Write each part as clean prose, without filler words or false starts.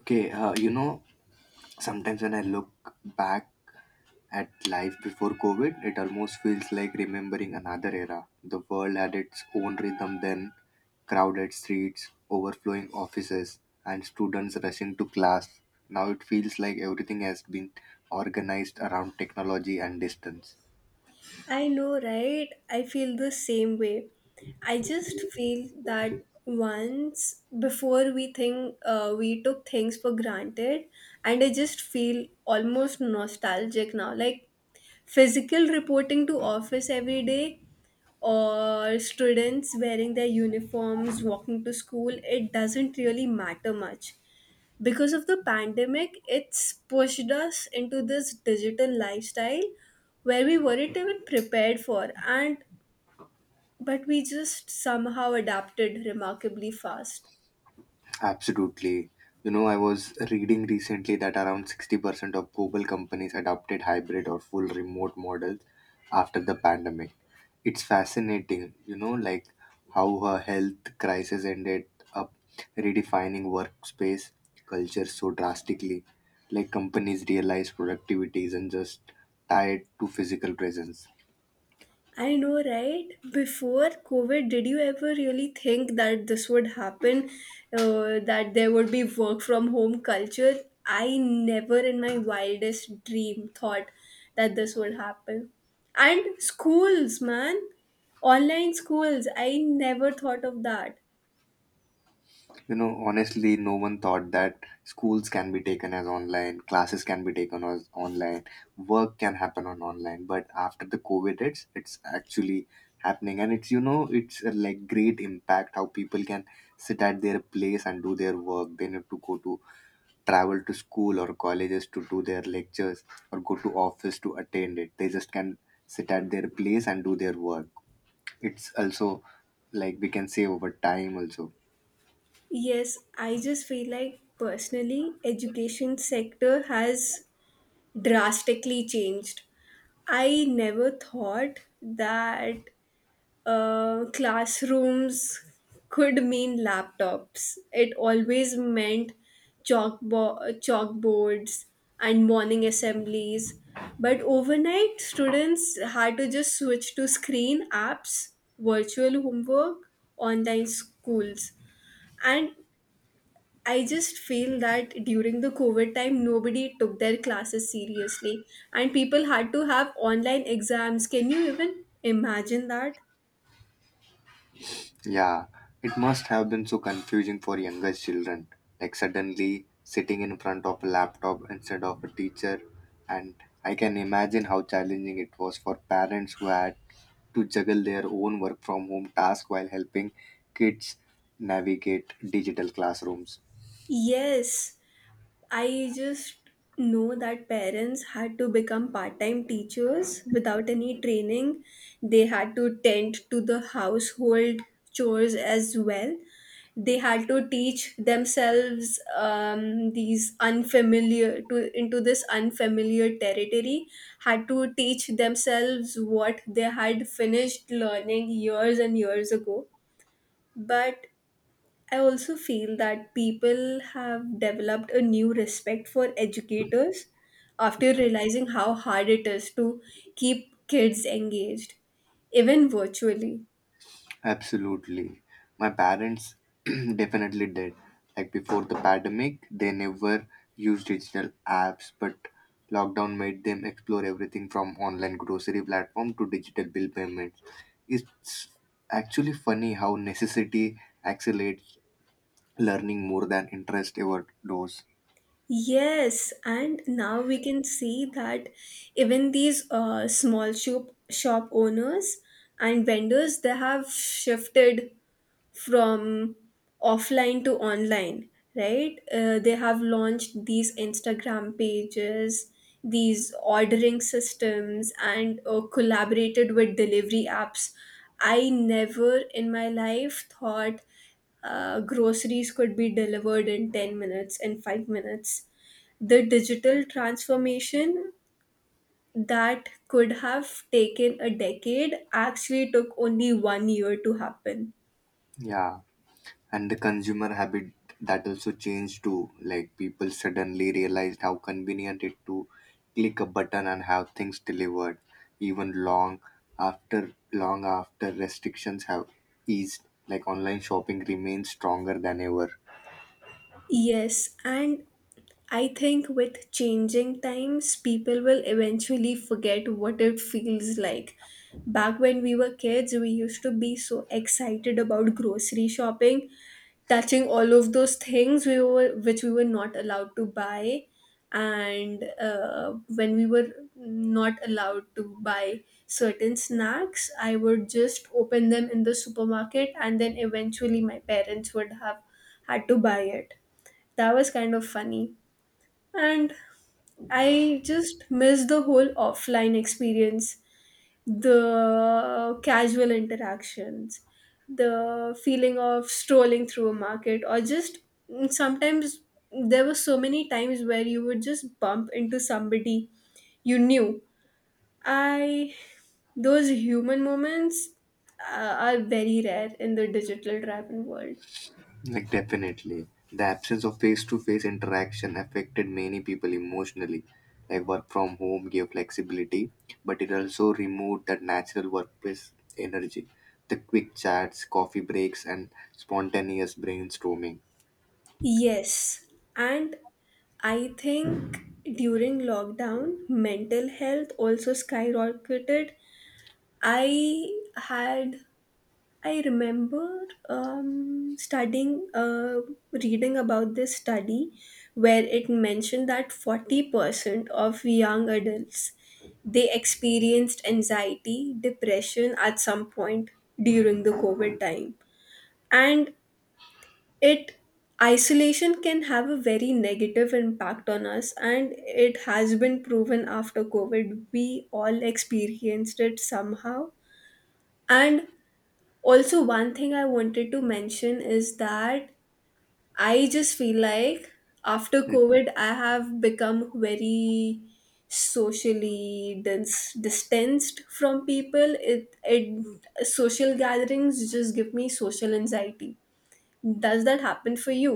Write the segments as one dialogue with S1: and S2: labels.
S1: Okay, sometimes when I look back at life before COVID, it almost feels like remembering another era. The world had its own rhythm then, crowded streets, overflowing offices, and students rushing to class. Now it feels like everything has been organized around technology and distance.
S2: I know, right? I feel the same way. I just feel that once before we think we took things for granted, and I just feel almost nostalgic now. Like physical reporting to office every day, or students wearing their uniforms, walking to school, it doesn't really matter much because of the pandemic, it's pushed us into this digital lifestyle where we weren't even prepared for and but we just somehow adapted remarkably fast.
S1: Absolutely. I was reading recently that around 60% of global companies adopted hybrid or full remote models after the pandemic. It's fascinating, like how a health crisis ended up redefining workspace culture so drastically. Like companies realize productivity isn't just tied to physical presence.
S2: I know, right? Before COVID, did you ever really think that this would happen? That there would be work from home culture? I never in my wildest dream thought that this would happen. And schools, man. Online schools. I never thought of that.
S1: Honestly, no one thought that schools can be taken as online, classes can be taken as online, work can happen on online. But after the COVID hits, it's actually happening, and it's a, like great impact how people can sit at their place and do their work. They need to go to travel to school or colleges to do their lectures or go to office to attend it. They just can sit at their place and do their work. It's also like we can save over time also.
S2: Yes, I just feel like personally, education sector has drastically changed. I never thought that classrooms could mean laptops. It always meant chalkboards and morning assemblies. But overnight, students had to just switch to screen apps, virtual homework, online schools. And I just feel that during the COVID time, nobody took their classes seriously, and people had to have online exams. Can you even imagine that?
S1: Yeah, it must have been so confusing for younger children. Like suddenly sitting in front of a laptop instead of a teacher, and I can imagine how challenging it was for parents who had to juggle their own work from home task while helping kids navigate digital classrooms.
S2: Yes, I just know that parents had to become part time teachers without any training. They had to tend to the household chores as well. They had to teach themselves these unfamiliar to into this unfamiliar territory. Had to teach themselves what they had finished learning years and years ago. But I also feel that people have developed a new respect for educators after realizing how hard it is to keep kids engaged, even virtually.
S1: Absolutely. My parents definitely did. Like before the pandemic, they never used digital apps, but lockdown made them explore everything from online grocery platform to digital bill payments. It's actually funny how necessity accelerates learning more than interest ever does.
S2: Yes, and now we can see that even these shop owners and vendors they have shifted from offline to online, right. They have launched these Instagram pages, these ordering systems, and collaborated with delivery apps. I never in my life thought groceries could be delivered in 10 minutes, in 5 minutes. The digital transformation that could have taken a decade actually took only one year to happen.
S1: Yeah. And the consumer habit that also changed too, like people suddenly realized how convenient it to click a button and have things delivered even long after restrictions have eased. Like online shopping remains stronger than ever.
S2: Yes, and I think with changing times, people will eventually forget what it feels like. Back when we were kids, we used to be so excited about grocery shopping, touching all of those things we were which we were not allowed to buy, and when we were not allowed to buy certain snacks, I would just open them in the supermarket, and then eventually my parents would have had to buy it. That was kind of funny. And I just miss the whole offline experience, the casual interactions, the feeling of strolling through a market, or just sometimes there were so many times where you would just bump into somebody you knew. I Those human moments are very rare in the digital travel world.
S1: Like definitely, the absence of face-to-face interaction affected many people emotionally. Like work from home gave flexibility, but it also removed that natural workplace energy, the quick chats, coffee breaks, and spontaneous brainstorming.
S2: Yes, and I think during lockdown, mental health also skyrocketed. I had, I remember reading about this study where it mentioned that 40% of young adults they experienced anxiety, depression at some point during the COVID time. And it isolation can have a very negative impact on us, and it has been proven. After COVID we all experienced it somehow. And also, one thing I wanted to mention is that I just feel like after
S1: Hmm.
S2: COVID I have become very socially distanced from people. It social gatherings just give me social anxiety. Does that happen for you?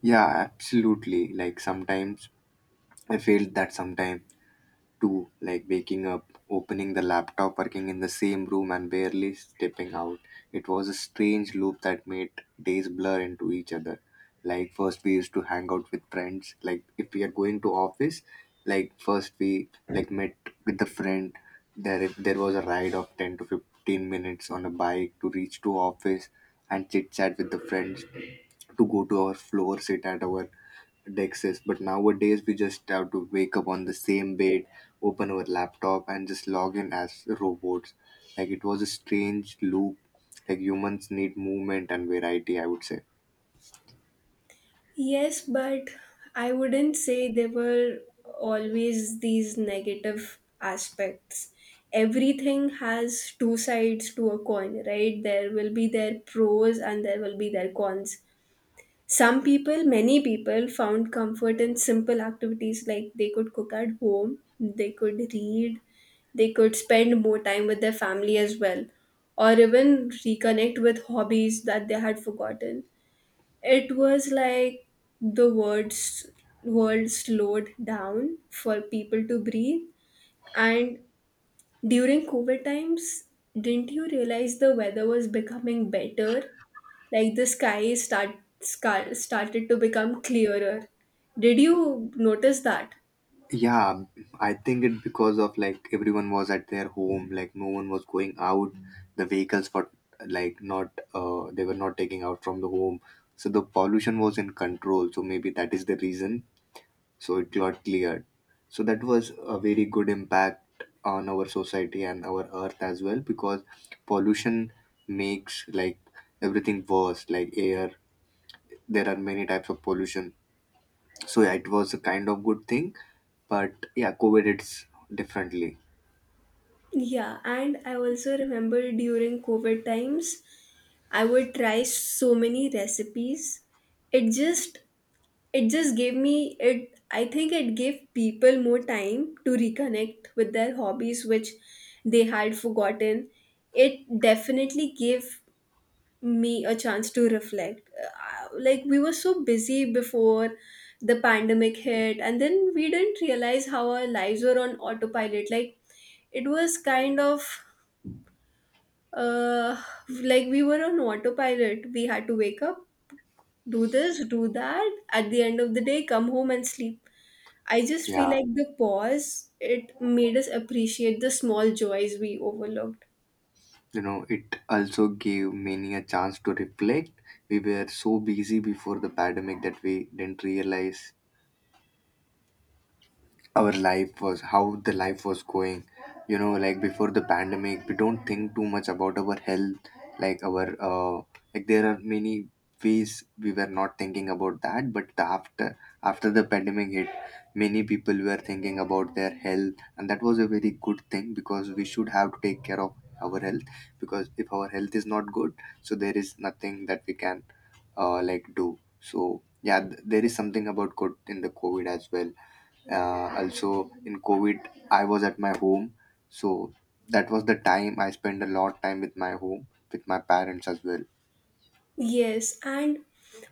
S1: Yeah, absolutely. Like sometimes I feel that sometimes too, like waking up, opening the laptop, working in the same room, and barely stepping out. It was a strange loop that made days blur into each other. Like first we used to hang out with friends. Like if we are going to office, like first we like met with the friend. There was a ride of 10 to 15 minutes on a bike to reach to office and chit chat with the friends, to go to our floor, sit at our Dexes, but nowadays we just have to wake up on the same bed, open our laptop, and just log in as robots. Like it was a strange loop. Like humans need movement and variety, I would say.
S2: Yes, but I wouldn't say there were always these negative aspects. Everything has two sides to a coin, right? There will be their pros and there will be their cons. Some people, many people, found comfort in simple activities like they could cook at home, they could read, they could spend more time with their family as well, or even reconnect with hobbies that they had forgotten. It was like the words world slowed down for people to breathe. And during COVID times, didn't you realize the weather was becoming better? Like the sky start, scar- started to become clearer. Did you notice that?
S1: Yeah, I think it because of like everyone was at their home, like no one was going out. The vehicles were like not, they were not taking out from the home, so the pollution was in control. So maybe that is the reason so it got cleared, so that was a very good impact on our society and our earth as well, because pollution makes like everything worse, like air. There are many types of pollution, so yeah, it was a kind of good thing, but yeah, covid it's differently.
S2: Yeah, and I also remember during COVID times I would try so many recipes. It just it just gave me, it I think it gave people more time to reconnect with their hobbies which they had forgotten. It definitely gave me a chance to reflect. Like we were so busy before the pandemic hit, and then we didn't realize how our lives were on autopilot. Like it was kind of uh like we were on autopilot, we had to wake up, do this, do that, at the end of the day come home and sleep. I just feel
S1: Yeah,
S2: like the pause, it made us appreciate the small joys we overlooked.
S1: it also gave many a chance to reflect. We were so busy before the pandemic that we didn't realize our life was how the life was going. Like before the pandemic, we don't think too much about our health. Like our like there are many ways we were not thinking about that, but the after the pandemic hit, many people were thinking about their health, and that was a very good thing because we should have to take care of our health, because if our health is not good, so there is nothing that we can like do. So yeah, there is something about good in the covid as well. Also, in covid I was at my home, so that was the time I spent a lot time with my home, with my parents as well.
S2: Yes, and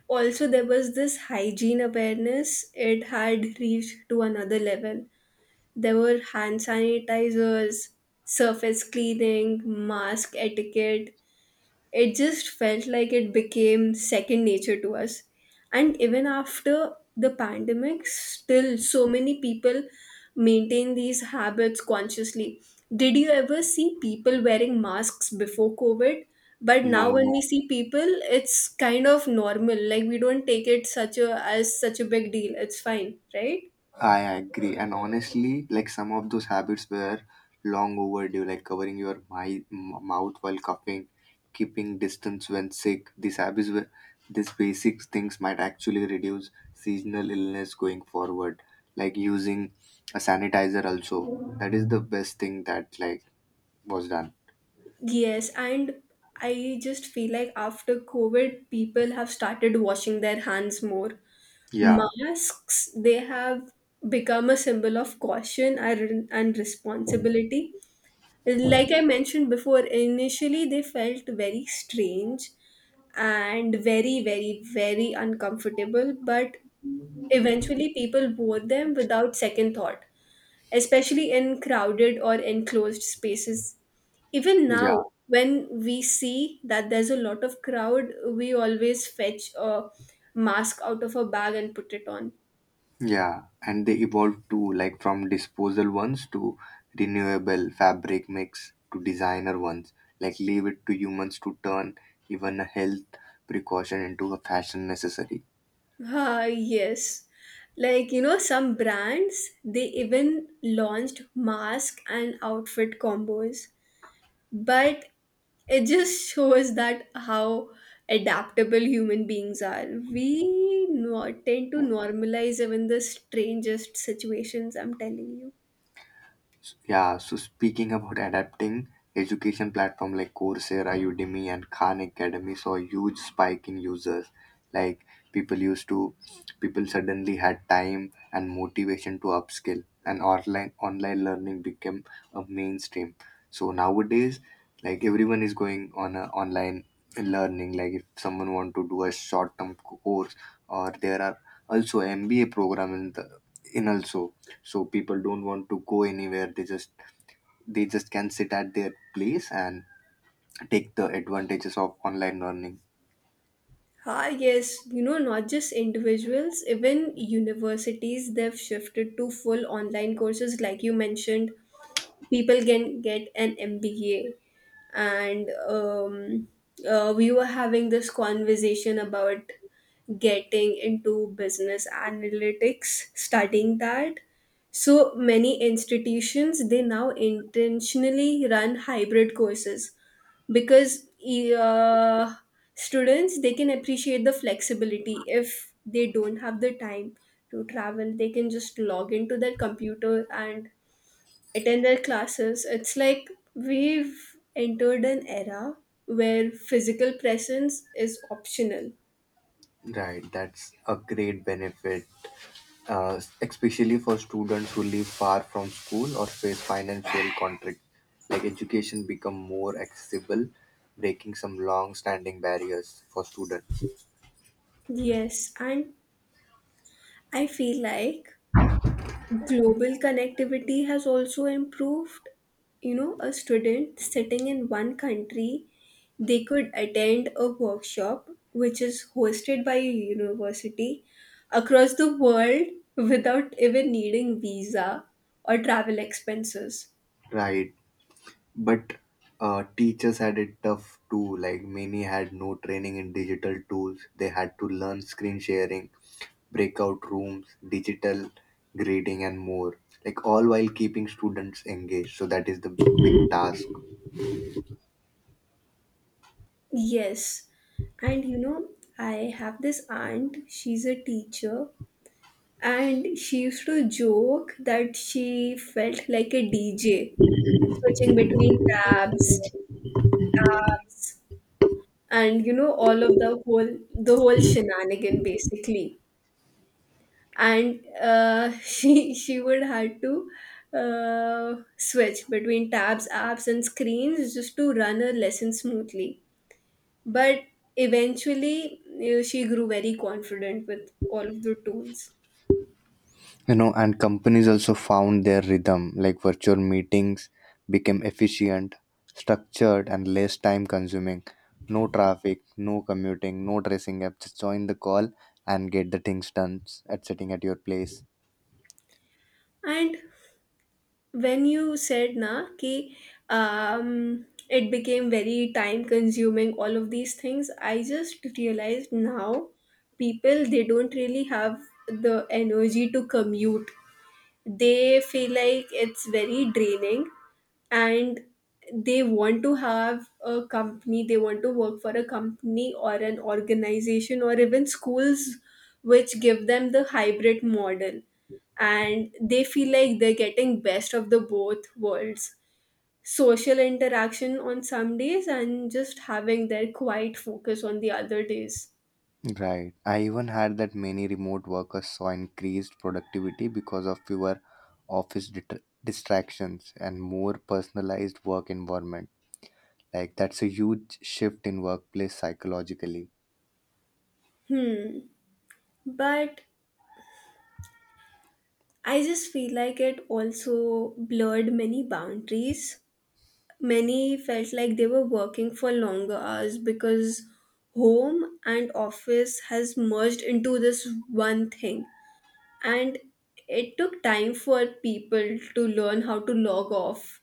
S2: also there was this hygiene awareness, it had reached to another level. There were hand sanitizers, surface cleaning, mask etiquette, it just felt like it became second nature to us. And even after the pandemic, still so many people maintain these habits consciously. Did you ever see people wearing masks before COVID? But now
S1: No,
S2: when we
S1: no,
S2: see people, it's kind of normal, like we don't take it such a as such a big deal. It's fine, right?
S1: I agree, and honestly like some of those habits were long overdue, like covering your my, m- mouth while coughing, keeping distance when sick. These habits were These basic things might actually reduce seasonal illness going forward, like using a sanitizer also. That is the best thing that like was done.
S2: Yes, and I just feel like after COVID, people have started washing their hands more.
S1: Yeah,
S2: Masks, they have become a symbol of caution and responsibility. Like I mentioned before, initially they felt very strange and very, very, very uncomfortable, but eventually people wore them without second thought, especially in crowded or enclosed spaces. Even now,
S1: yeah,
S2: when we see that there's a lot of crowd, we always fetch a mask out of a bag and put it on.
S1: yeah. And they evolved too, like from disposal ones to renewable fabric mix to designer ones. Like leave it to humans to turn even a health precaution into a fashion necessary.
S2: Ah, yes. Like, you know, some brands, they even launched mask and outfit combos. But it just shows that how adaptable human beings are. We tend to normalize even the strangest situations, I'm telling you.
S1: Yeah, so speaking about adapting, education platform like Coursera, Udemy, and Khan Academy saw a huge spike in users. Like people used to, people suddenly had time and motivation to upskill, and online learning became a mainstream. So nowadays, like everyone is going on a online learning. Like if someone want to do a short term course, or there are also MBA program in the in also, so people don't want to go anywhere, they just can sit at their place and take the advantages of online learning.
S2: Ah, yes, you know, not just individuals, even universities, they've shifted to full online courses, like you mentioned. People can get an MBA. And we were having this conversation about getting into business analytics, studying that. So many institutions they now intentionally run hybrid courses because uh, students they can appreciate the flexibility. If they don't have the time to travel, they can just log into their computer and attend their classes. It's like we've entered an era where physical presence is optional.
S1: Right, that's a great benefit, especially for students who live far from school or face financial constraints. Like education become more accessible, breaking some long standing barriers for students.
S2: Yes, and I feel like global connectivity has also improved. You know, a student sitting in one country, they could attend a workshop which is hosted by a university across the world without even needing visa or travel expenses.
S1: Right, but teachers had it tough too. Like many had no training in digital tools, they had to learn screen sharing, breakout rooms, digital grading, and more, like all while keeping students engaged, so that is the big task.
S2: Yes. And you know, I have this aunt, she's a teacher, and she used to joke that she felt like a DJ, switching between tabs, tabs, and you know, all of the whole shenanigan basically. And she would had to switch between tabs, apps, and screens just to run her lesson smoothly. But eventually, you know, she grew very confident with all of the tools.
S1: And companies also found their rhythm, like virtual meetings became efficient, structured, and less time consuming. No traffic, no commuting, no dressing up, just join the call and get the things done at sitting at your place.
S2: And when you said na ki it became very time consuming, all of these things, I just realized now people they don't really have the energy to commute. They feel like it's very draining, and they want to have a company, they want to work for a company or an organization or even schools which give them the hybrid model, and they feel like they're getting best of the both worlds, social interaction on some days and just having their quiet focus on the other days.
S1: Right, I even heard that many remote workers saw increased productivity because of fewer office distractions and more personalized work environment. Like that's a huge shift in workplace psychologically.
S2: Hmm. But I just feel like it also blurred many boundaries. Many felt like they were working for longer hours because home and office has merged into this one thing. And it took time for people to learn how to log off.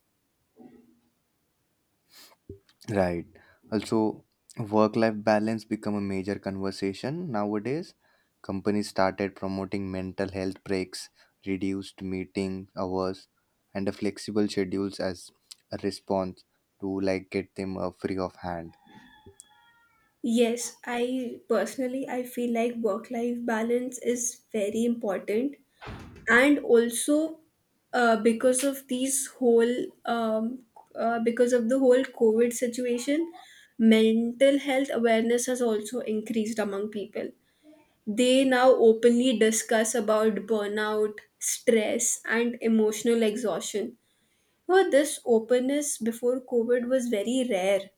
S1: Right. Also, work life balance become a major conversation nowadays. Companies started promoting mental health breaks, reduced meeting hours, and a flexible schedules as a response to like get them free of hand.
S2: Yes, I personally I feel like work life balance is very important. And also, uh, because of these whole um, because of the whole COVID situation, mental health awareness has also increased among people. They now openly discuss about burnout, stress, and emotional exhaustion. Well, this openness before COVID was very rare.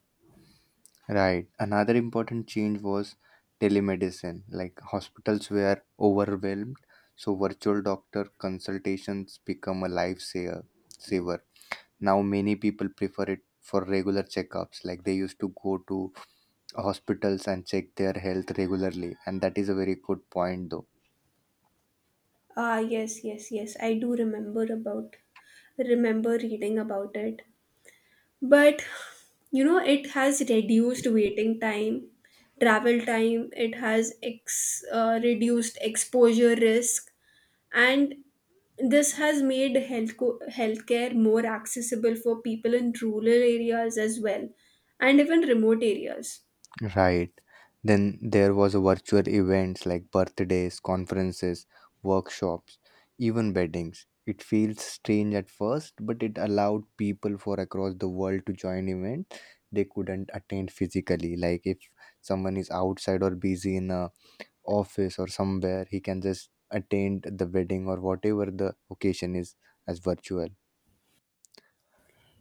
S1: Right. Another important change was telemedicine. Like hospitals were overwhelmed, so virtual doctor consultations become a lifesaver. Now many people prefer it for regular checkups. Like they used to go to hospitals and check their health regularly, and that is a very good point though.
S2: Ah, yes, yes, yes, I do remember reading about it. But you know, it has reduced waiting time, travel time, it has reduced exposure risk, and this has made healthcare more accessible for people in rural areas as well, and even remote areas.
S1: Right. Then there was a virtual events like birthdays, conferences, workshops, even weddings. It feels strange at first, but it allowed people for across the world to join events they couldn't attend physically. Like if someone is outside or busy in a office or somewhere, he can just attend the wedding or whatever the occasion is as virtual.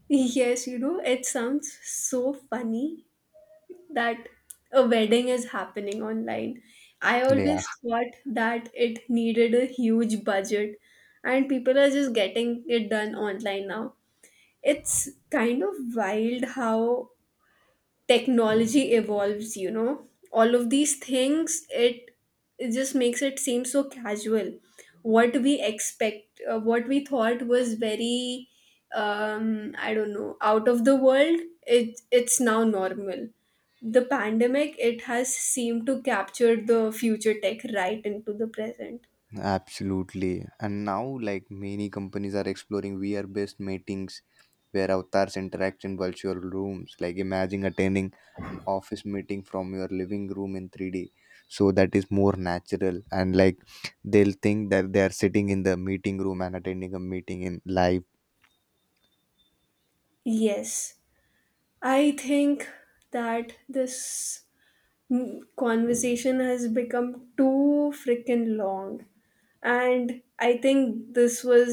S2: Yes, you know, it sounds so funny that a wedding is happening online. I
S1: Yeah,
S2: always thought that it needed a huge budget, and people are just getting it done online now. It's kind of wild how technology evolves, you know, all of these things, it just makes it seem so casual. What we expect what we thought was very I don't know, out of the world, it's now normal. The pandemic it has seemed to capture the future tech right into the present.
S1: absolutely. And now like many companies are exploring vr based meetings where avatars interact in virtual rooms. Like imagine attending an office meeting from your living room in 3D. So that is more natural, and like they'll think that they are sitting in the meeting room and attending a meeting in live.
S2: Yes, I think that conversation has become too freaking long. And I think this was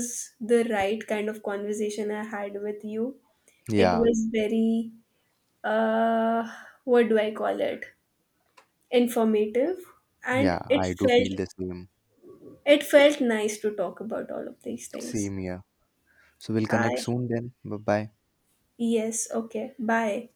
S2: the right kind of conversation I had with you. It
S1: Yeah,
S2: was very, uh, what do I call it? Informative. And
S1: yeah, I do feel the same.
S2: it felt nice to talk about all of these things.
S1: Same here. So we'll connect
S2: I
S1: soon then. Bye bye.
S2: Yes, okay. Bye.